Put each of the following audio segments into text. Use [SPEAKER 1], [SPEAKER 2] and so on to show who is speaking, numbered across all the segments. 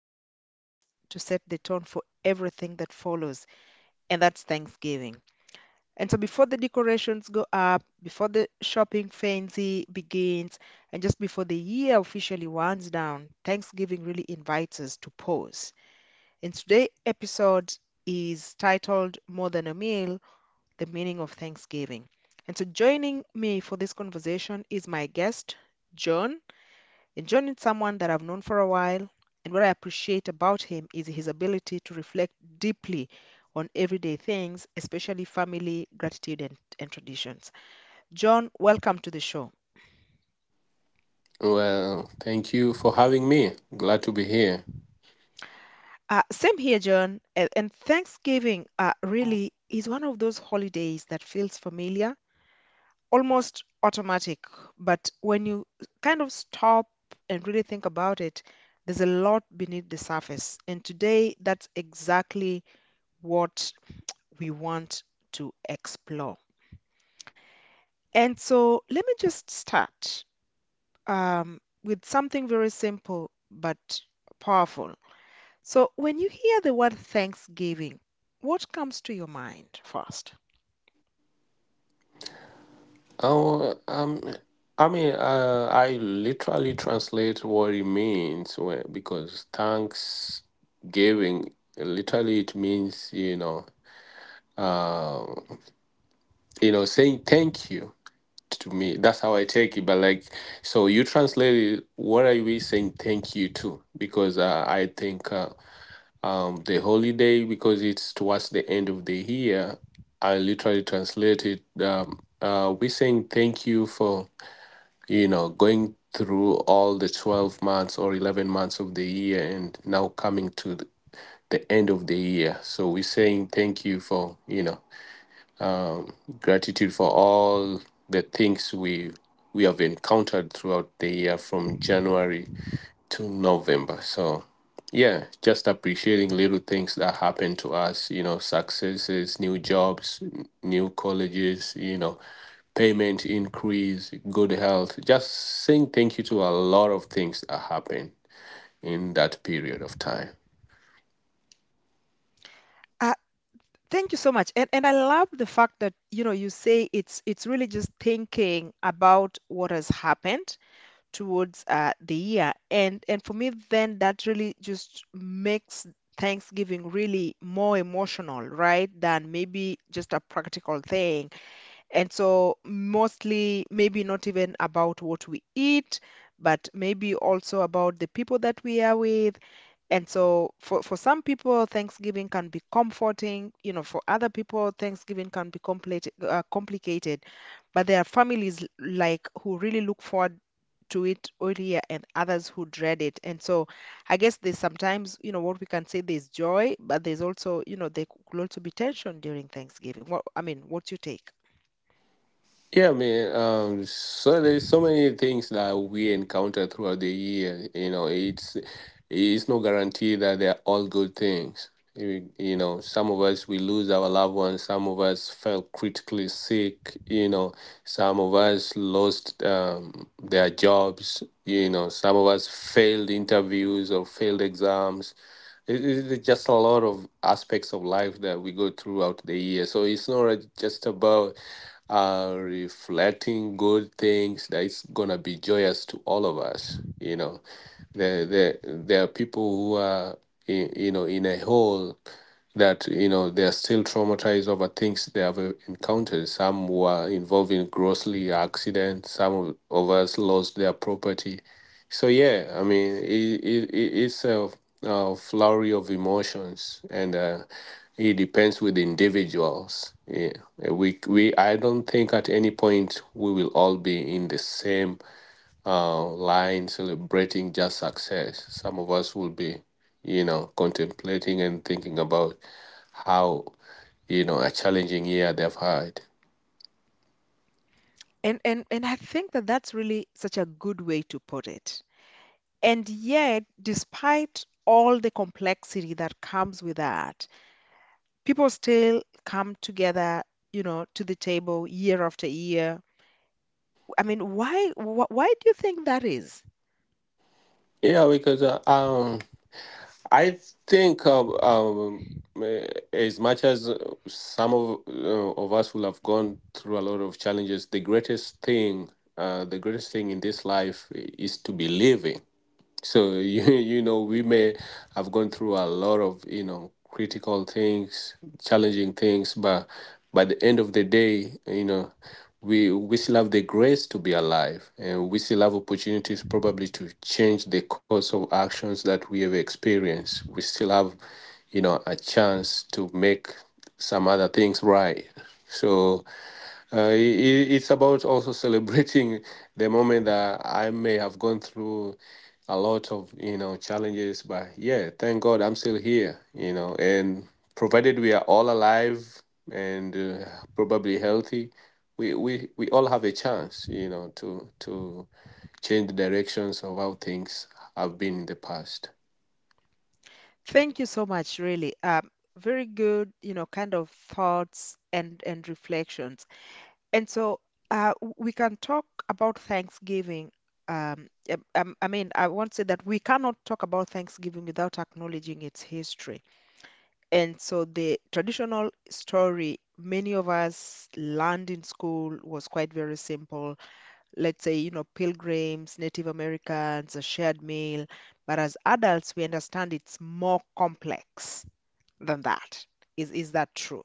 [SPEAKER 1] that tends to set the tone for everything that follows, and that's Thanksgiving. And so before the decorations go up, before the shopping frenzy begins, and just before the year officially winds down, Thanksgiving really invites us to pause. And today's episode is titled More Than a Meal, The Meaning of Thanksgiving. And so joining me for this conversation is my guest, John. In joining someone that I've known for a while, and what I appreciate about him is his ability to reflect deeply on everyday things, especially family, gratitude, and traditions. John, welcome to the show.
[SPEAKER 2] Well, thank you for having me. Glad to be here.
[SPEAKER 1] Same here, John. And Thanksgiving really is one of those holidays that feels familiar, almost automatic. But when you kind of stop and really think about it, there's a lot beneath the surface. And today, that's exactly what we want to explore. And so let me just start with something very simple but powerful. So when you hear the word Thanksgiving, what comes to your mind first?
[SPEAKER 2] Oh, um, I literally translate what it means because thanks giving literally it means uh, saying thank you to me. That's how I take it. But like, so you translate it. What are we saying thank you to? Because I think. The holiday because it's towards the end of the year. I literally translated. We're saying thank you for you know going through all the 12 months or 11 months of the year, and now coming to the end of the year. So we're saying thank you for you know gratitude for all the things we have encountered throughout the year from January to November. So, yeah, just appreciating little things that happen to us, you know, successes, new jobs, new colleges, you know, payment increase, good health. Just saying thank you to a lot of things that happen in that period of time.
[SPEAKER 1] Uh, Thank you so much. And I love the fact that, you know, you say it's really just thinking about what has happened towards the year. And for me, then that really just makes Thanksgiving really more emotional, right? Than maybe just a practical thing. And so mostly maybe not even about what we eat, but maybe also about the people that we are with, and so for some people, Thanksgiving can be comforting. You know, for other people, Thanksgiving can be complicated. But there are families like who really look forward to it all year and others who dread it. And so I guess there's sometimes, you know, what we can say there's joy, but there's also, you know, there could also be tension during Thanksgiving. I mean, what's your take?
[SPEAKER 2] Yeah, man. So there's so many things that we encounter throughout the year. You know, it's no guarantee that they're all good things. You know, some of us we lose our loved ones. Some of us fell critically sick. You know, some of us lost their jobs. You know, some of us failed interviews or failed exams. It's just a lot of aspects of life that we go throughout the year. So it's not just about reflecting good things that it's gonna be joyous to all of us. You know, there are people who are in, you know in a hole that you know they are still traumatized over things they have encountered. Some were involved in grossly accidents. Some of us lost their property. So yeah, I mean, it's a flurry of emotions, and it depends with the individuals. Yeah, we I don't think at any point we will all be in the same line celebrating just success. Some of us will be, you know, contemplating and thinking about how you know a challenging year they've had.
[SPEAKER 1] And and I think that that's really such a good way to put it. And yet, despite all the complexity that comes with that, people still come together, you know, to the table year after year. I mean, why do you think that is?
[SPEAKER 2] Yeah, because I think um, um, eh, as much as some of us will have gone through a lot of challenges, the greatest thing in this life is to be living. So you you know we may have gone through a lot of you know critical things, challenging things, but by the end of the day, you know, we still have the grace to be alive, and we still have opportunities probably to change the course of actions that we have experienced. We still have, you know, a chance to make some other things right. So I it's about also celebrating the moment. That I may have gone through a lot of you know challenges, but yeah, thank God I'm still here. You know, and provided we are all alive and probably healthy, we all have a chance. You know, to change the directions of how things have been in the past.
[SPEAKER 1] Thank you so much, really. Very good, you know, kind of thoughts and reflections. And so, we can talk about Thanksgiving. I mean, I won't say that we cannot talk about Thanksgiving without acknowledging its history. And so the traditional story many of us learned in school was quite very simple. Let's say, you know, pilgrims, Native Americans, a shared meal. But as adults, we understand it's more complex than that. Is that true?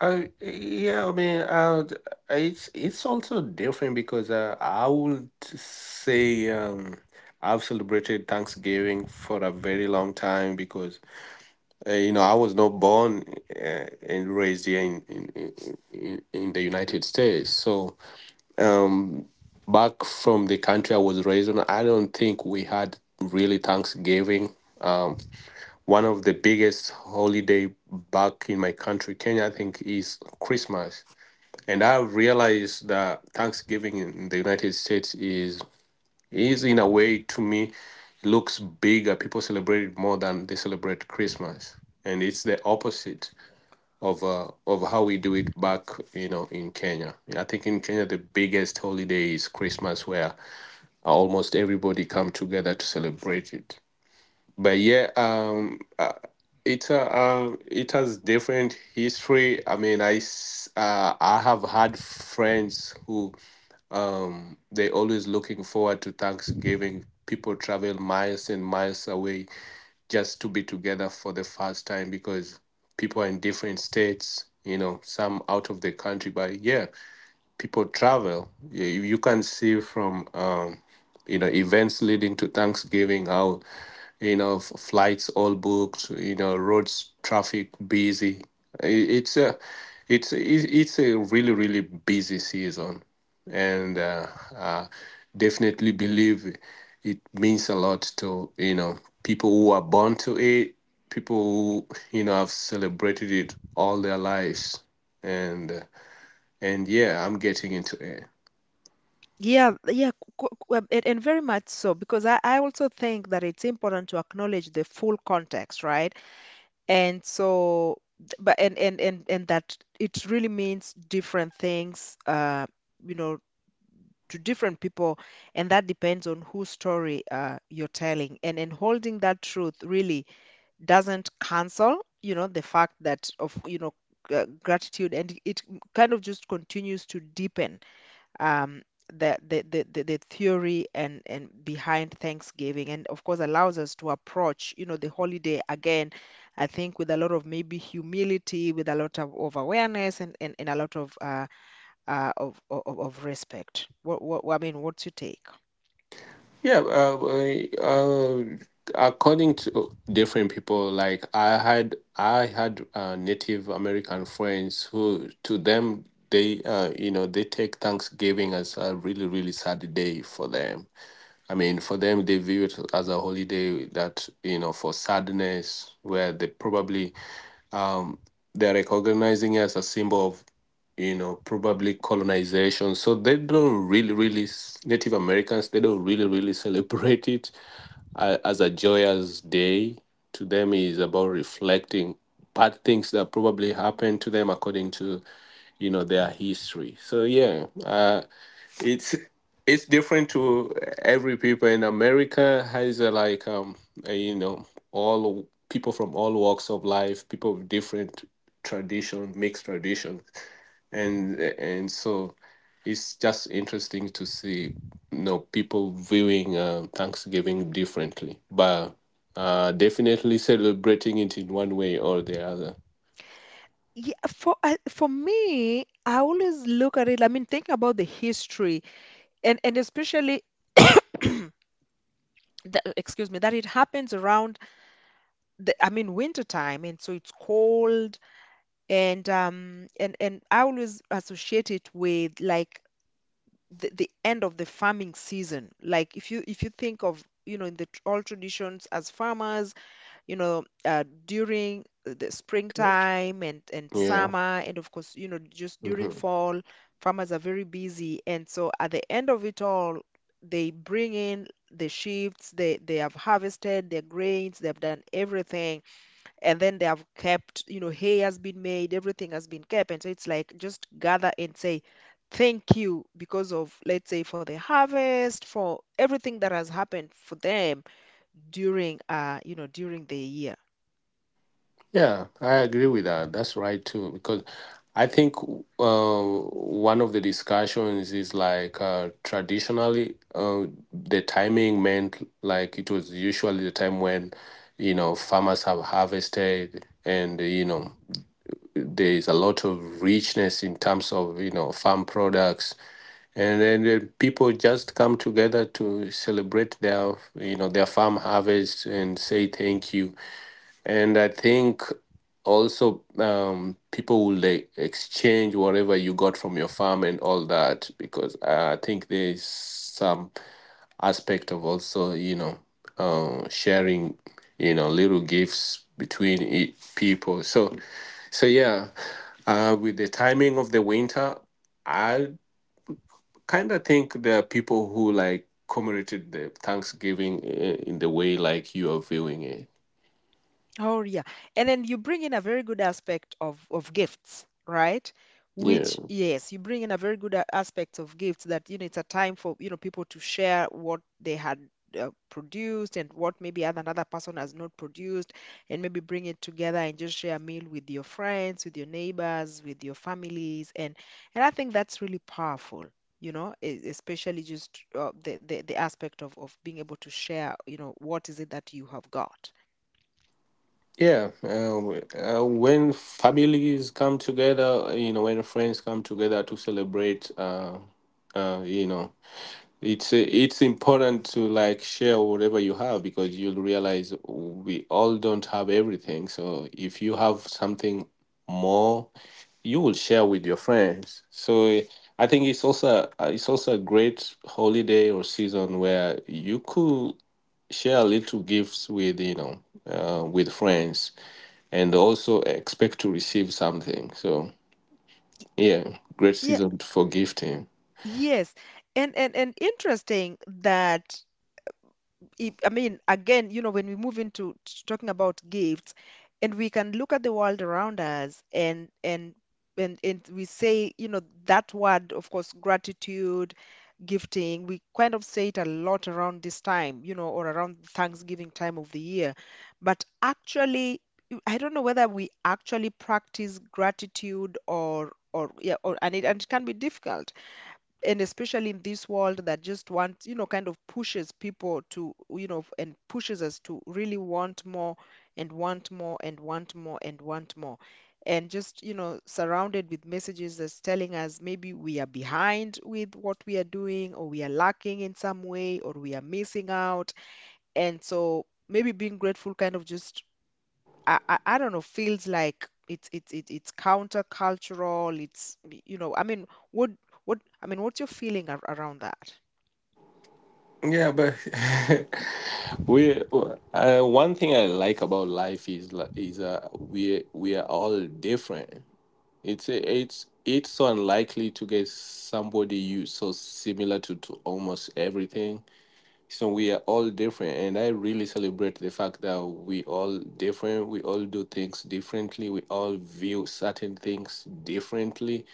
[SPEAKER 2] Yeah, I mean, it's also different because I would say I've celebrated Thanksgiving for a very long time because you know I was not born and raised here in the United States. So um, back from the country I was raised in, I don't think we had really Thanksgiving. Um, One of the biggest holiday back in my country, Kenya, I think, is Christmas. And I've realized that Thanksgiving in the United States is in a way to me looks bigger. People celebrate it more than they celebrate Christmas, and it's the opposite of how we do it back, you know, in Kenya. I think in Kenya the biggest holiday is Christmas, where almost everybody come together to celebrate it. But yeah, it has different history. I mean, I have had friends who they always looking forward to Thanksgiving. People travel miles and miles away just to be together for the first time because people are in different states, you know, some out of the country. But yeah, people travel. Yeah, you can see from you know events leading to Thanksgiving how you know flights all booked, you know roads traffic busy. I- It's a it's it's a really really busy season, and uh, definitely believe it means a lot to you know people who are born to it, people who you know have celebrated it all their lives, and. uh, and yeah, I'm getting into it.
[SPEAKER 1] Yeah, yeah, and very much so, because I also think that it's important to acknowledge the full context, right? And so, but and that it really means different things, you know, to different people, and that depends on whose story you're telling. And holding that truth really doesn't cancel, you know, the fact that of you know gratitude, and it kind of just continues to deepen um, the, the theory and behind Thanksgiving, and of course allows us to approach, you know, the holiday again, I think with a lot of maybe humility, with a lot of awareness and a lot of respect. I mean, what's your take?
[SPEAKER 2] Yeah, uh, uh, According to different people, like I had Native American friends who, to them, they, you know, they take Thanksgiving as a really, really sad day for them. I mean, for them, they view it as a holiday that, you know, for sadness, where they probably um, they're recognizing us as a symbol of, you know, probably colonization. So they don't really, really, Native Americans, they don't really, really celebrate it as a joyous day. To them, it's about reflecting bad things that probably happened to them according to, you know, their history. So yeah, it's it's different to every people in America has a, like you know all people from all walks of life, people with different tradition, mixed tradition, and so it's just interesting to see you know people viewing Thanksgiving differently, but definitely celebrating it in one way or the other.
[SPEAKER 1] Yeah, for me, I always look at it. I mean, think about the history, and especially the, excuse me, that it happens around the, I mean, winter time, and so it's cold, and I always associate it with like the end of the farming season. Like if you think of you know in the all traditions as farmers, you know during the
[SPEAKER 2] Yeah.
[SPEAKER 1] springtime and
[SPEAKER 2] Yeah.
[SPEAKER 1] summer and of course you know just during fall, farmers are very busy and so at the end of it all, they bring in the sheaves, they have harvested their grains, they have done everything and then they have kept, you know, hay has been made, everything has been kept, and so it's like just gather and say thank you because of, let's say, for the harvest, for everything that has happened for them during you know during the year.
[SPEAKER 2] Yeah, I agree with that. That's right too, because I think uh, one of the discussions is like traditionally the timing meant like it was usually the time when you know farmers have harvested and you know there is a lot of richness in terms of you know farm products, and then the people just come together to celebrate their you know their farm harvest and say thank you. And I think also people will like, exchange whatever you got from your farm and all that, because I think there is some aspect of also, you know, sharing, you know, little gifts between people. So yeah, with the timing of the winter, I kind of think there are people who like commemorated the Thanksgiving in the way like you are viewing it.
[SPEAKER 1] Oh yeah. And then you bring in a very good aspect of gifts, right?
[SPEAKER 2] Yeah.
[SPEAKER 1] Which yes, you bring in a very good aspect of gifts that you know it's a time for you know people to share what they had produced and what maybe other another person has not produced and maybe bring it together and just share a meal with your friends, with your neighbors, with your families, and I think that's really powerful. You know, especially just the aspect of being able to share, you know, what is it that you have got.
[SPEAKER 2] Yeah, uh, when families come together, you know, when friends come together to celebrate, you know, it's important to like share whatever you have, because you'll realize we all don't have everything. So if you have something more, you will share with your friends. So I think it's also a great holiday or season where you could share little gifts with you know with friends and also expect to receive something. So yeah, great
[SPEAKER 1] Yeah.
[SPEAKER 2] season for gifting.
[SPEAKER 1] Yes, and interesting that it, I mean again, you know, when we move into talking about gifts, and we can look at the world around us, and we say, you know, that word, of course, gratitude, gifting. We kind of say it a lot around this time, you know, or around Thanksgiving time of the year, but actually, you- I don't know whether we actually practice gratitude, or yeah, or and it can be difficult, and especially in this world that just wants you know kind of pushes people to you know and pushes us to really want more and want more and want more and want more, and just you know surrounded with messages that's telling us maybe we are behind with what we are doing or we are lacking in some way or we are missing out, and so maybe being grateful kind of just, I don't know, feels like it's countercultural. It's you know, I mean, what I mean, what's your feeling ar around that?
[SPEAKER 2] Yeah, but we one thing I like about life is we are all different. It's so unlikely to get somebody you so similar to almost everything. So we are all different, and I really celebrate the fact that we all different. We all do things differently. We all view certain things differently,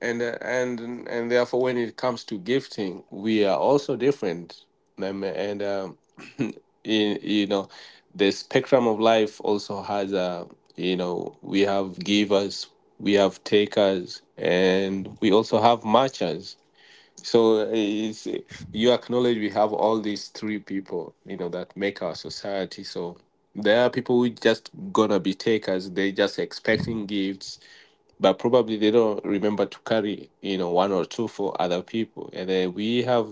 [SPEAKER 2] and and therefore, when it comes to gifting, we are also different. And you know, the spectrum of life also has a you know we have givers, we have takers, and we also have matchers. So you acknowledge we have all these three people, you know, that make our society. So there are people who just gonna be takers. They just expecting gifts, but probably they don't remember to carry, you know, one or two for other people. And then we have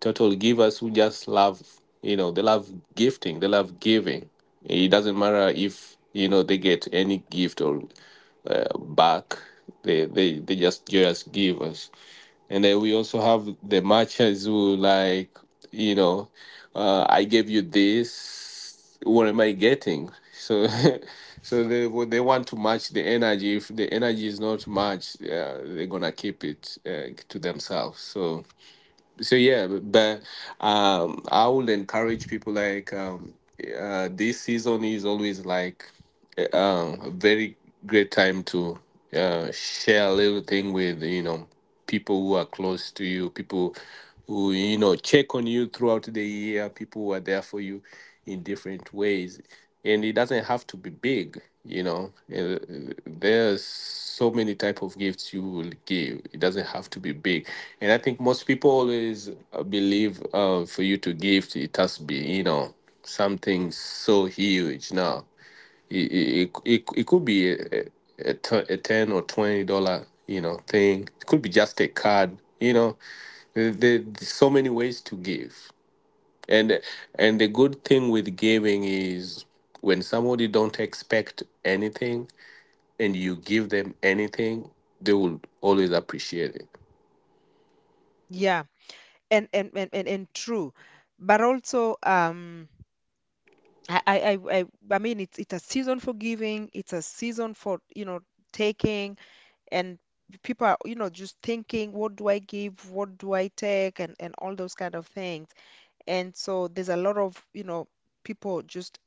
[SPEAKER 2] total givers who just love, you know, they love gifting, they love giving. It doesn't matter if you know they get any gift or back. They just give us. And then we also have the matches who like, you know, I gave you this. What am I getting? So, so they want to match the energy. If the energy is not matched, they're gonna keep it to themselves. So yeah. But I would encourage people like this season is always like a very great time to share a little thing with you know people who are close to you, people who you know check on you throughout the year, people who are there for you in different ways, and it doesn't have to be big. There's so many type of gifts you will give. It doesn't have to be big, and I think most people always believe for you to give, it has to be something so huge. No, it could be a $10 or $20 thing. It could be just a card. There's so many ways to give, and the good thing with giving is when somebody don't expect anything and you give them anything, they will always appreciate it.
[SPEAKER 1] Yeah, and true, but also I I I I I mean, it's a season for giving. It's a season for you know taking, and people are you know just thinking, what do I give? What do I take? And all those kind of things. And so there's a lot of you know people just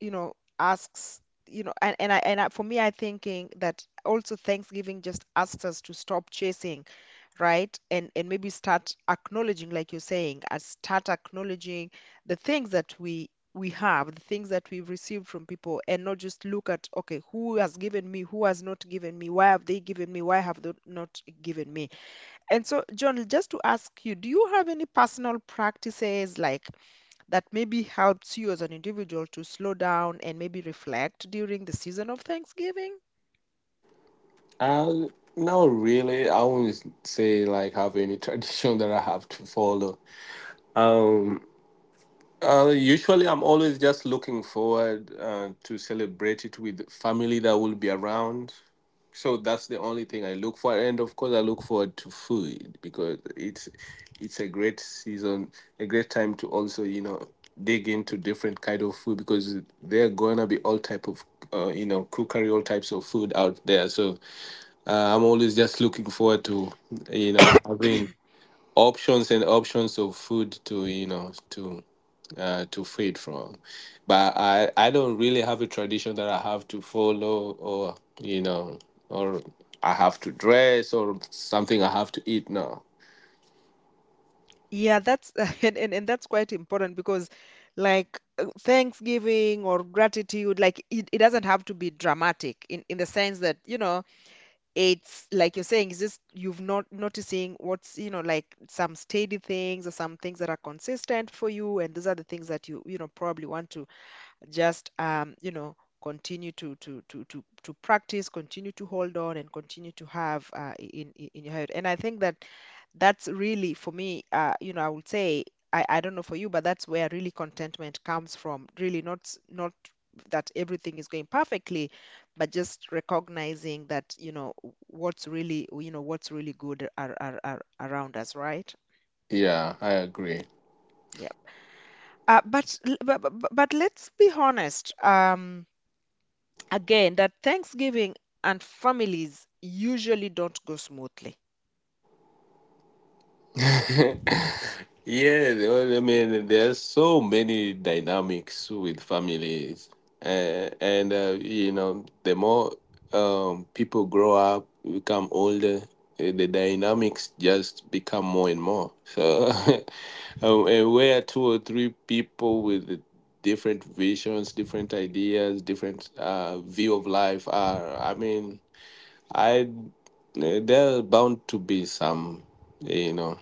[SPEAKER 1] you know, asks, you know, and, and I, for me, I thinking that also Thanksgiving just asks us to stop chasing, right? And maybe start acknowledging, like you're saying, and start acknowledging the things that we have, the things that we've received from people, and not just look at, okay, who has given me, who has not given me, why have they given me, why have they not given me? And so, John, just to ask you, do you have any personal practices like that maybe helps you as an individual to slow down and maybe reflect during the season of Thanksgiving?
[SPEAKER 2] Uh, no, really, I wouldn't say like have any tradition that I have to follow. Um, usually, I'm always just looking forward to celebrate it with family that will be around. So that's the only thing I look for, and of course, I look forward to food because it's a great season, a great time to also dig into different kind of food because there are gonna be all type of cookery, all types of food out there. So I'm always just looking forward to having options and options of food to to feed from. But I don't really have a tradition that I have to follow or, you know, or I have to dress or something I have to eat. No.
[SPEAKER 1] Yeah, that's and that's quite important because like Thanksgiving or gratitude, like it doesn't have to be dramatic in the sense that, you know, it's like you're saying, it's just you've not noticing what's, you know, like some steady things or some things that are consistent for you, and these are the things that you know, probably want to just you know continue to practice, continue to hold on and continue to have in your head, and I think that that's really for me you know I would say I don't know for you, but that's where really contentment comes from, really not not that everything is going perfectly but just recognizing that you know what's really you know what's really good are around us, right?
[SPEAKER 2] Yeah, I agree.
[SPEAKER 1] Yeah. But let's be honest. Again, that Thanksgiving and families usually don't go smoothly.
[SPEAKER 2] Yeah, well, I mean, there's so many dynamics with families, and you know, the more people grow up, become older, the dynamics just become more and more. So, and where two or three people with different visions, different ideas, different view of life are, I mean, I there are bound to be some, you know,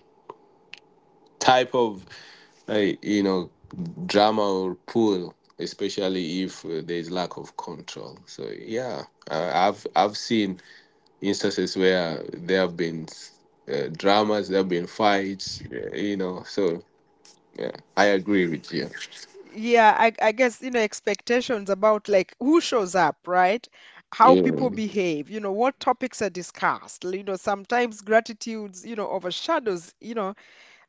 [SPEAKER 2] type of like you know drama or pull, especially if there's lack of control. So yeah, I've seen instances where there have been dramas, there have been fights, you know, so yeah, I agree with you.
[SPEAKER 1] Yeah, I guess, you know, expectations about like who shows up, right? How people
[SPEAKER 2] Yeah.
[SPEAKER 1] behave, you know, what topics are discussed. You know, sometimes gratitudes, you know, overshadows,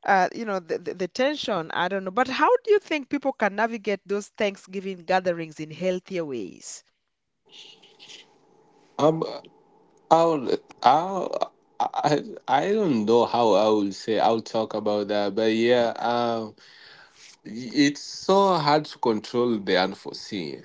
[SPEAKER 1] you know, the tension. I don't know. But how do you think people can navigate those Thanksgiving gatherings in healthier ways?
[SPEAKER 2] um i would i I, I don't know how I will say I'll talk about that, but yeah, it's so hard to control the unforeseen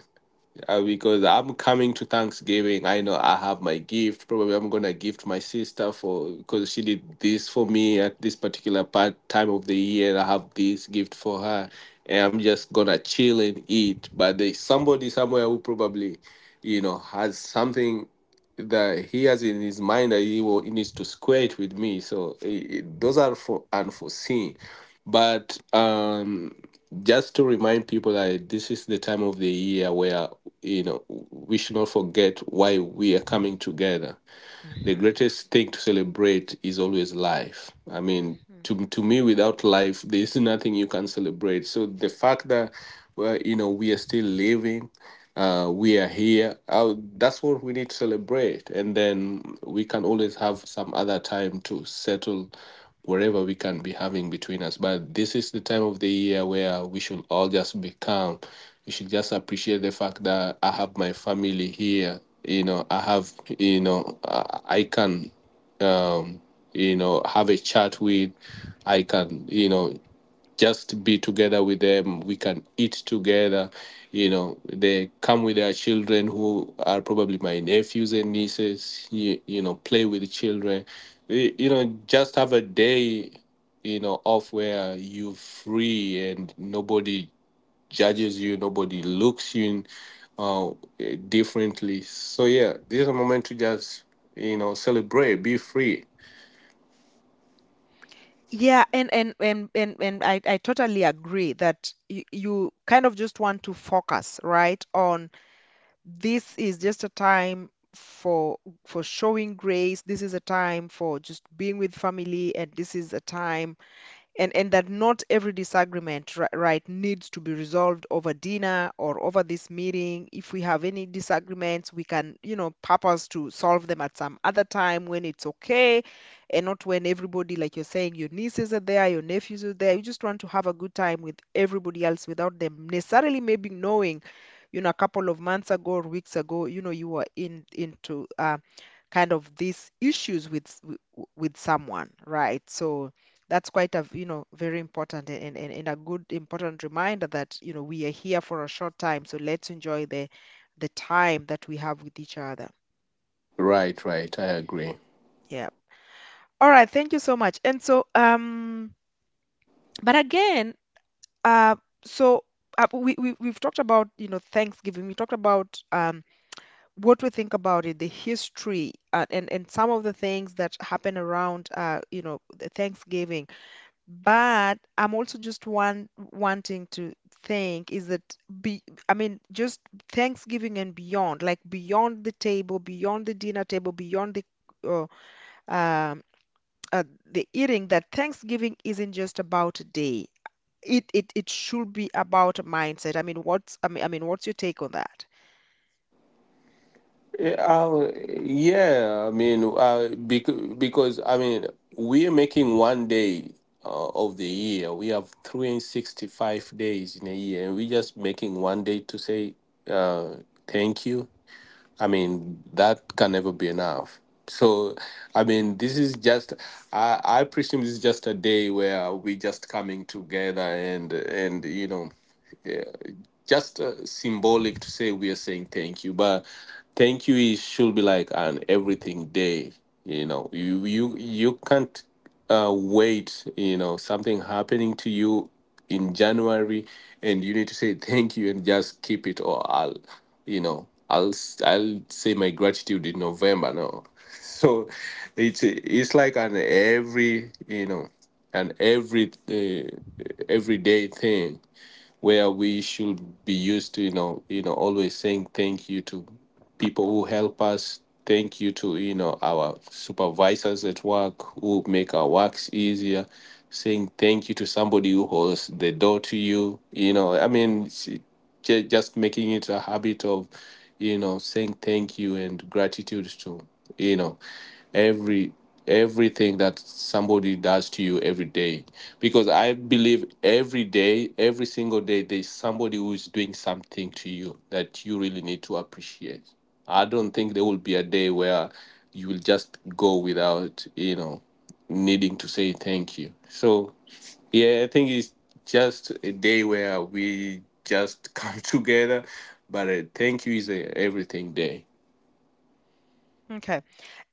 [SPEAKER 2] because I'm coming to Thanksgiving. I know I have my gift. Probably I'm gonna gift my sister for because she did this for me at this particular part time of the year. And I have this gift for her, and I'm just gonna chill and eat. But there's somebody somewhere who probably, you know, has something that he has in his mind that he needs to square it with me. So those are for unforeseen. But just to remind people that this is the time of the year where you know we should not forget why we are coming together. The
[SPEAKER 1] Mhm,
[SPEAKER 2] greatest thing to celebrate is always life. I mean,
[SPEAKER 1] mhm.
[SPEAKER 2] to me, without life there is nothing you can celebrate. So the fact that, well, you know, we are still living, we are here. That's what we need to celebrate, and then we can always have some other time to settle wherever we can be having between us. But this is the time of the year where we should all just be calm. We should just appreciate the fact that I have my family here. You know, I have, you know, I can, um, you know, have a chat with. I can, you know, just be together with them. We can eat together. You know, they come with their children who are probably my nephews and nieces. You know, play with the children. You know, just have a day, you know, off where you're free and nobody judges you, nobody looks you uh, differently. So yeah, this is a moment to just, you know, celebrate, be free.
[SPEAKER 1] Yeah, and I totally agree that you kind of just want to focus, right, on this is just a time for showing grace. This is a time for just being with family, and this is a time and that not every disagreement right needs to be resolved over dinner or over this meeting. If we have any disagreements, we can, you know, purpose to solve them at some other time when it's okay, and not when everybody, like you're saying, your nieces are there, your nephews are there. You just want to have a good time with everybody else without them necessarily maybe knowing, you know, a couple of months ago or weeks ago, you know, you were in into kind of these issues with with someone, right? So that's quite a, you know, very important and a good important reminder that, you know, we are here for a short time, so let's enjoy the time that we have with each other.
[SPEAKER 2] Right, right. I agree.
[SPEAKER 1] Yeah. All right. Thank you so much. And so but again, uh, so. We've talked about, you know, Thanksgiving. We talked about what we think about it, the history, and some of the things that happen around, you know, the Thanksgiving. But I'm also just wanting to think is that be I mean just Thanksgiving and beyond, like beyond the table, beyond the dinner table, beyond uh, um, the eating, that Thanksgiving isn't just about a day. It should be about a mindset. I mean, what's your take on that?
[SPEAKER 2] Yeah. Yeah, I mean, because I mean, we're making one day of the year. We have 365 days in a year, and we're just making one day to say uh, thank you. I mean, that can never be enough. So, I mean, this is just, I presume this is just a day where we're just coming together and, you know, just symbolic to say we are saying thank you. But thank you is should be like an everything day. You know, you can't wait, you know, something happening to you in January and you need to say thank you and just keep it. Or I'll you know, I'll say my gratitude in November. No. So it's like an every, you know, an every everyday thing where we should be used to, you know, always saying thank you to people who help us, thank you to, you know, our supervisors at work who make our works easier, saying thank you to somebody who holds the door to you. You know, I mean, just making it a habit of, you know, saying thank you and gratitude to, you know, every, everything that somebody does to you every day, because I believe every day, every single day, there's somebody who is doing something to you that you really need to appreciate. I don't think there will be a day where you will just go without, you know, needing to say thank you. So yeah, I think it's just a day where we just come together, but thank you is a everything day.
[SPEAKER 1] Okay.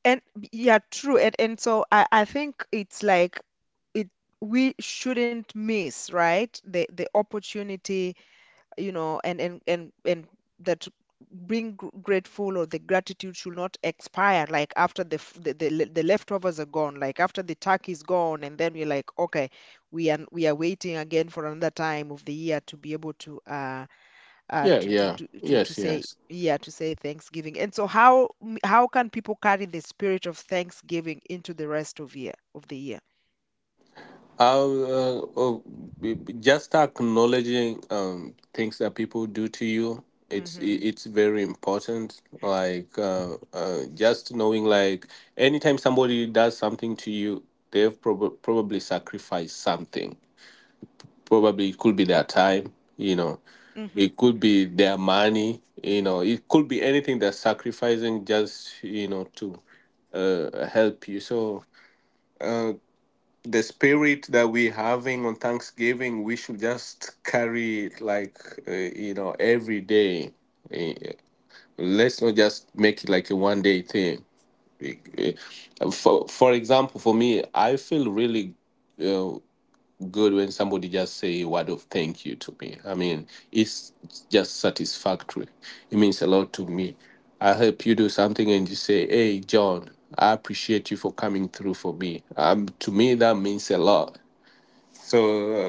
[SPEAKER 1] And yeah, true. And so I think it's like it, we shouldn't miss, right? The opportunity, you know, and that being grateful or the gratitude should not expire like after the, the the leftovers are gone, like after the turkey is gone and then we're like, okay, we are waiting again for another time of the year to be able
[SPEAKER 2] Yeah,
[SPEAKER 1] to
[SPEAKER 2] yeah, yes,
[SPEAKER 1] say,
[SPEAKER 2] yes.
[SPEAKER 1] yeah, to say Thanksgiving. And so how how can people carry the spirit of Thanksgiving into the rest of year of the year?
[SPEAKER 2] Uh, uh, just acknowledging things that people do to you, it's
[SPEAKER 1] Mm-hmm.
[SPEAKER 2] it's very important. Like, just knowing, like anytime somebody does something to you, they've probably sacrificed something. Probably it could be their time, you know,
[SPEAKER 1] Mm-hmm.
[SPEAKER 2] it could be their money, you
[SPEAKER 1] Mm-hmm.
[SPEAKER 2] know, it could be anything they're sacrificing just, you know, to help you. So the spirit that we're having on Thanksgiving, we should just carry it like, you know, every day. Eh, eh, Let's not just make it like a one day thing. Eh, eh, for example, for me, I feel really uh, good when somebody just say a word of thank you to me. I mean, it's just satisfactory. It means a lot to me. I help you do something and you say, "Hey, John, I appreciate you for coming through for me." To me, that means a lot. So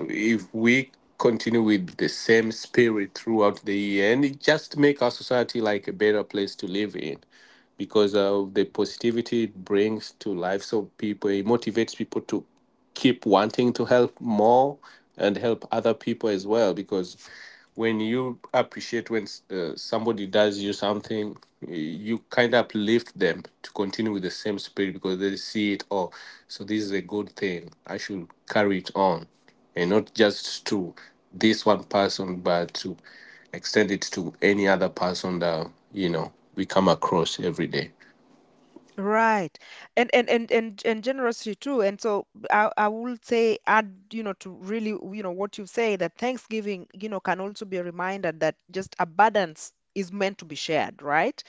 [SPEAKER 2] if we continue with the same spirit throughout the year, and it just make our society like a better place to live in, because of the positivity it brings to lives of people, it motivates people to keep wanting to help more and help other people as well, because when you appreciate when somebody does you something, you kind of uplift them to continue with the same spirit, because they see it. Oh, so this is a good thing. I should carry it on and not just to this one person, but to extend it to any other person that, you know, we come across every day.
[SPEAKER 1] Right. And generosity too. And so I would say, add, you know, to really, you know, what you say, that Thanksgiving, you know, can also be a reminder that just abundance is meant to be shared, right?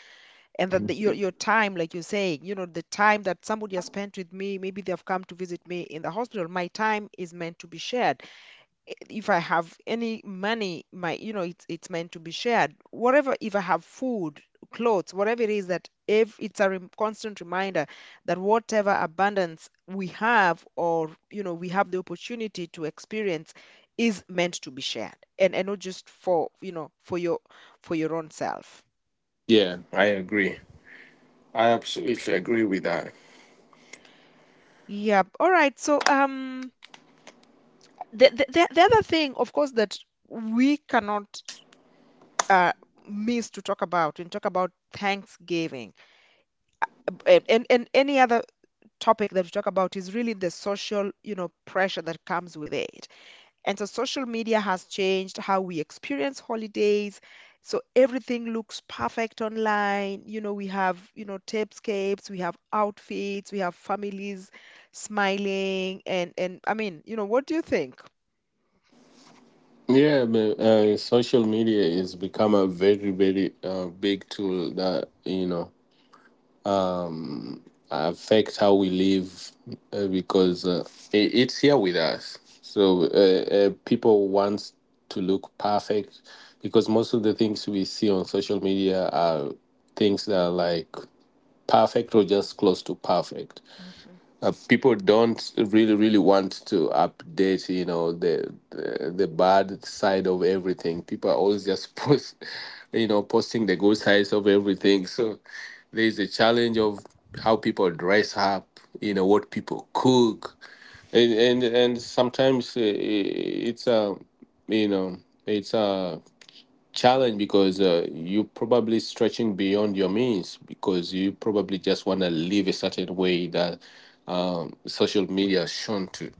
[SPEAKER 1] And that the, your time, like you're saying, you know, the time that somebody has spent with me, maybe they have come to visit me in the hospital, my time is meant to be shared. If I have any money, my, you know, it's meant to be shared. Whatever, if I have food, clothes, whatever it is, that if it's a rem constant reminder that whatever abundance we have or, you know, we have the opportunity to experience is meant to be shared, and not just for, you know, for your own self.
[SPEAKER 2] Yeah, I agree. I absolutely agree with that.
[SPEAKER 1] Yep. All right. So, the, the other thing, of course, that we cannot uh miss to talk about and talk about Thanksgiving and any other topic that we talk about is really the social, you know, pressure that comes with it. And so social media has changed how we experience holidays. So everything looks perfect online. You know, we have, you know, tapescapes, we have outfits, we have families smiling, and, I mean, you know, what do you think?
[SPEAKER 2] Yeah, but social media is become a very, very big tool that, you know, um, affect how we live, because it, it's here with us. So, people want to look perfect because most of the things we see on social media are things that are like perfect or just close to perfect.
[SPEAKER 1] Mhm.
[SPEAKER 2] People don't really want to update, you know, the bad side of everything. People are always just post you know, posting the good sides of everything. So there's a challenge of how people dress up, you know, what people cook, and and sometimes it's a, you know, it's a challenge, because you're probably stretching beyond your means because you probably just want to live a certain way that, social media has shown to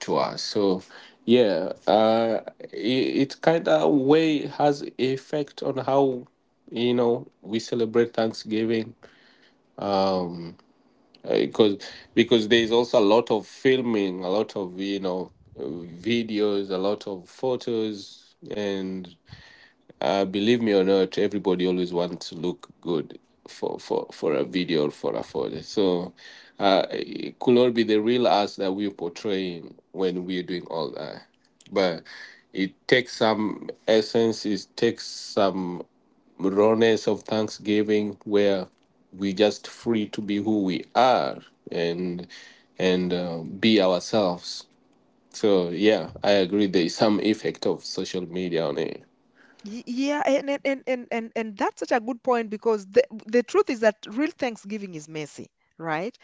[SPEAKER 2] us. So yeah, it, it kind of way has effect on how, you know, we celebrate Thanksgiving, because there's also a lot of filming, a lot of, you know, videos, a lot of photos, and believe me or not, everybody always wants to look good for a video or for a photo. So it could not be the real us that we're portraying when we're doing all that. But it takes some essence. It takes some rawness of Thanksgiving where we just free to be who we are and be ourselves. So yeah, I agree. There is some effect of social media on it.
[SPEAKER 1] Yeah, and that's such a good point, because the truth is that real Thanksgiving is messy, right?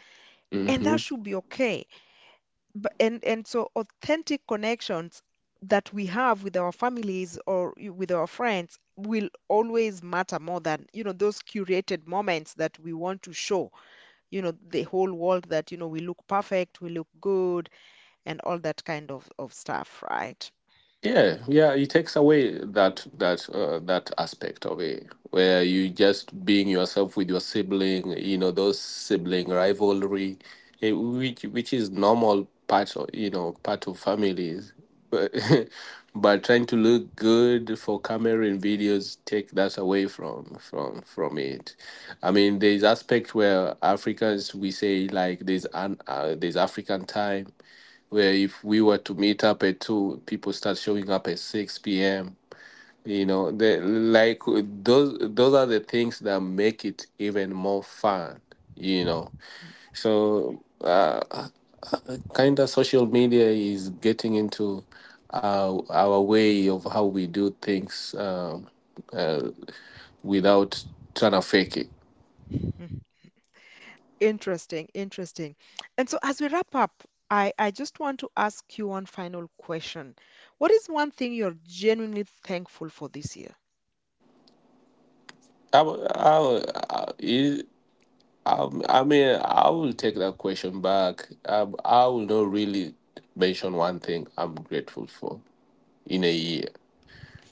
[SPEAKER 1] And that
[SPEAKER 2] Mhm.
[SPEAKER 1] should be okay. And so authentic connections that we have with our families or with our friends will always matter more than, you know, those curated moments that we want to show, you know, the whole world, that, you know, we look perfect, we look good, and all that kind of stuff, right?
[SPEAKER 2] Yeah, yeah, it takes away that that aspect of it, where you just being yourself with your sibling, you know, those sibling rivalry, which is normal part of, you know, part of families, but but trying to look good for camera and videos take that away from it. I mean, there's aspect where Africans we say like there's an there's African time where if we were to meet up at 2, people start showing up at 6 p.m. You know, they, like those are the things that make it even more fun, you know. So kind of social media is getting into our way of how we do things, uh, without trying to fake it.
[SPEAKER 1] Mhm. Interesting, interesting. And so as we wrap up, I just want to ask you one final question. What is one thing you're genuinely thankful for this year?
[SPEAKER 2] I, I, I mean, I will take that question back. I will not really mention one thing I'm grateful for in a year.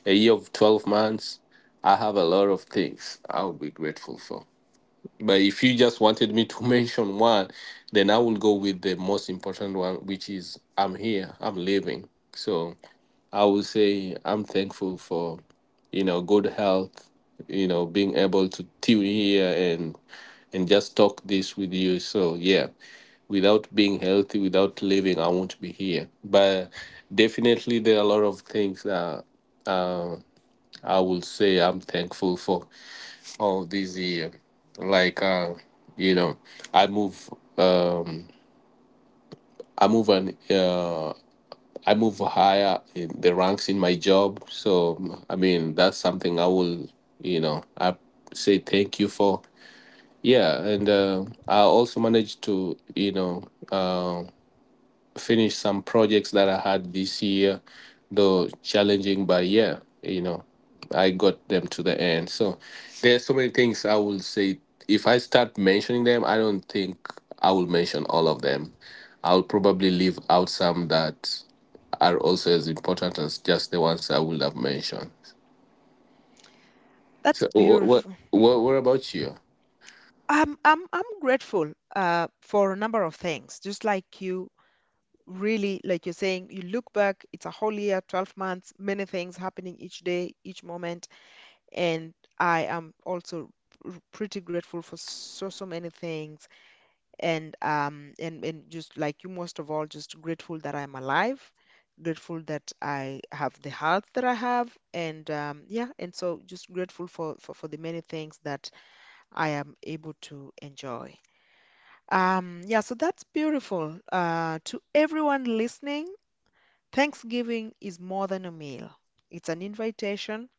[SPEAKER 2] A year of 12 months, I have a lot of things I'll be grateful for. But if you just wanted me to mention one, then I will go with the most important one, which is I'm here, I'm living. So I will say I'm thankful for, you know, good health, you know, being able to tune here and just talk this with you. So yeah, without being healthy, without living, I won't be here. But definitely there are a lot of things that I will say I'm thankful for. Oh, this year, like, you know, I move um I move an uh I move higher in the ranks in my job. So I mean that's something I will, you know, I say thank you for. Yeah, and I also managed to, you know, um, finished some projects that I had this year, though challenging, but yeah, you know, I got them to the end. So there's so many things I will say. If I start mentioning them, I don't think I will mention all of them. I'll probably leave out some that are also as important as just the ones I would have mentioned.
[SPEAKER 1] That's
[SPEAKER 2] So
[SPEAKER 1] beautiful.
[SPEAKER 2] what about you?
[SPEAKER 1] I'm grateful for a number of things. Just like you, really, like you're saying, you look back. It's a whole year, 12 months, many things happening each day, each moment, and I am also pretty grateful for so so many things. And and, just like you, most of all, just grateful that I'm alive. Grateful that I have the health that I have, and yeah, and so just grateful for the many things that I am able to enjoy. Yeah, so that's beautiful. To everyone listening, Thanksgiving is more than a meal. It's an invitation.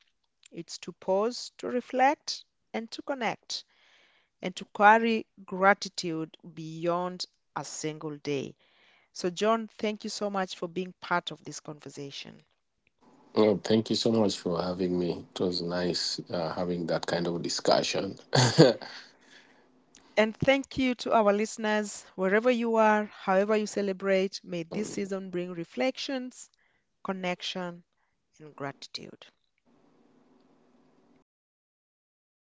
[SPEAKER 1] It's to pause, to reflect, and to connect, and to carry gratitude beyond a single day. So, John, thank you so much for being part of this conversation.
[SPEAKER 2] Well, thank you so much for having me. It was nice having that kind of discussion.
[SPEAKER 1] And thank you to our listeners, wherever you are, however you celebrate, may this season bring reflections, connection, and gratitude.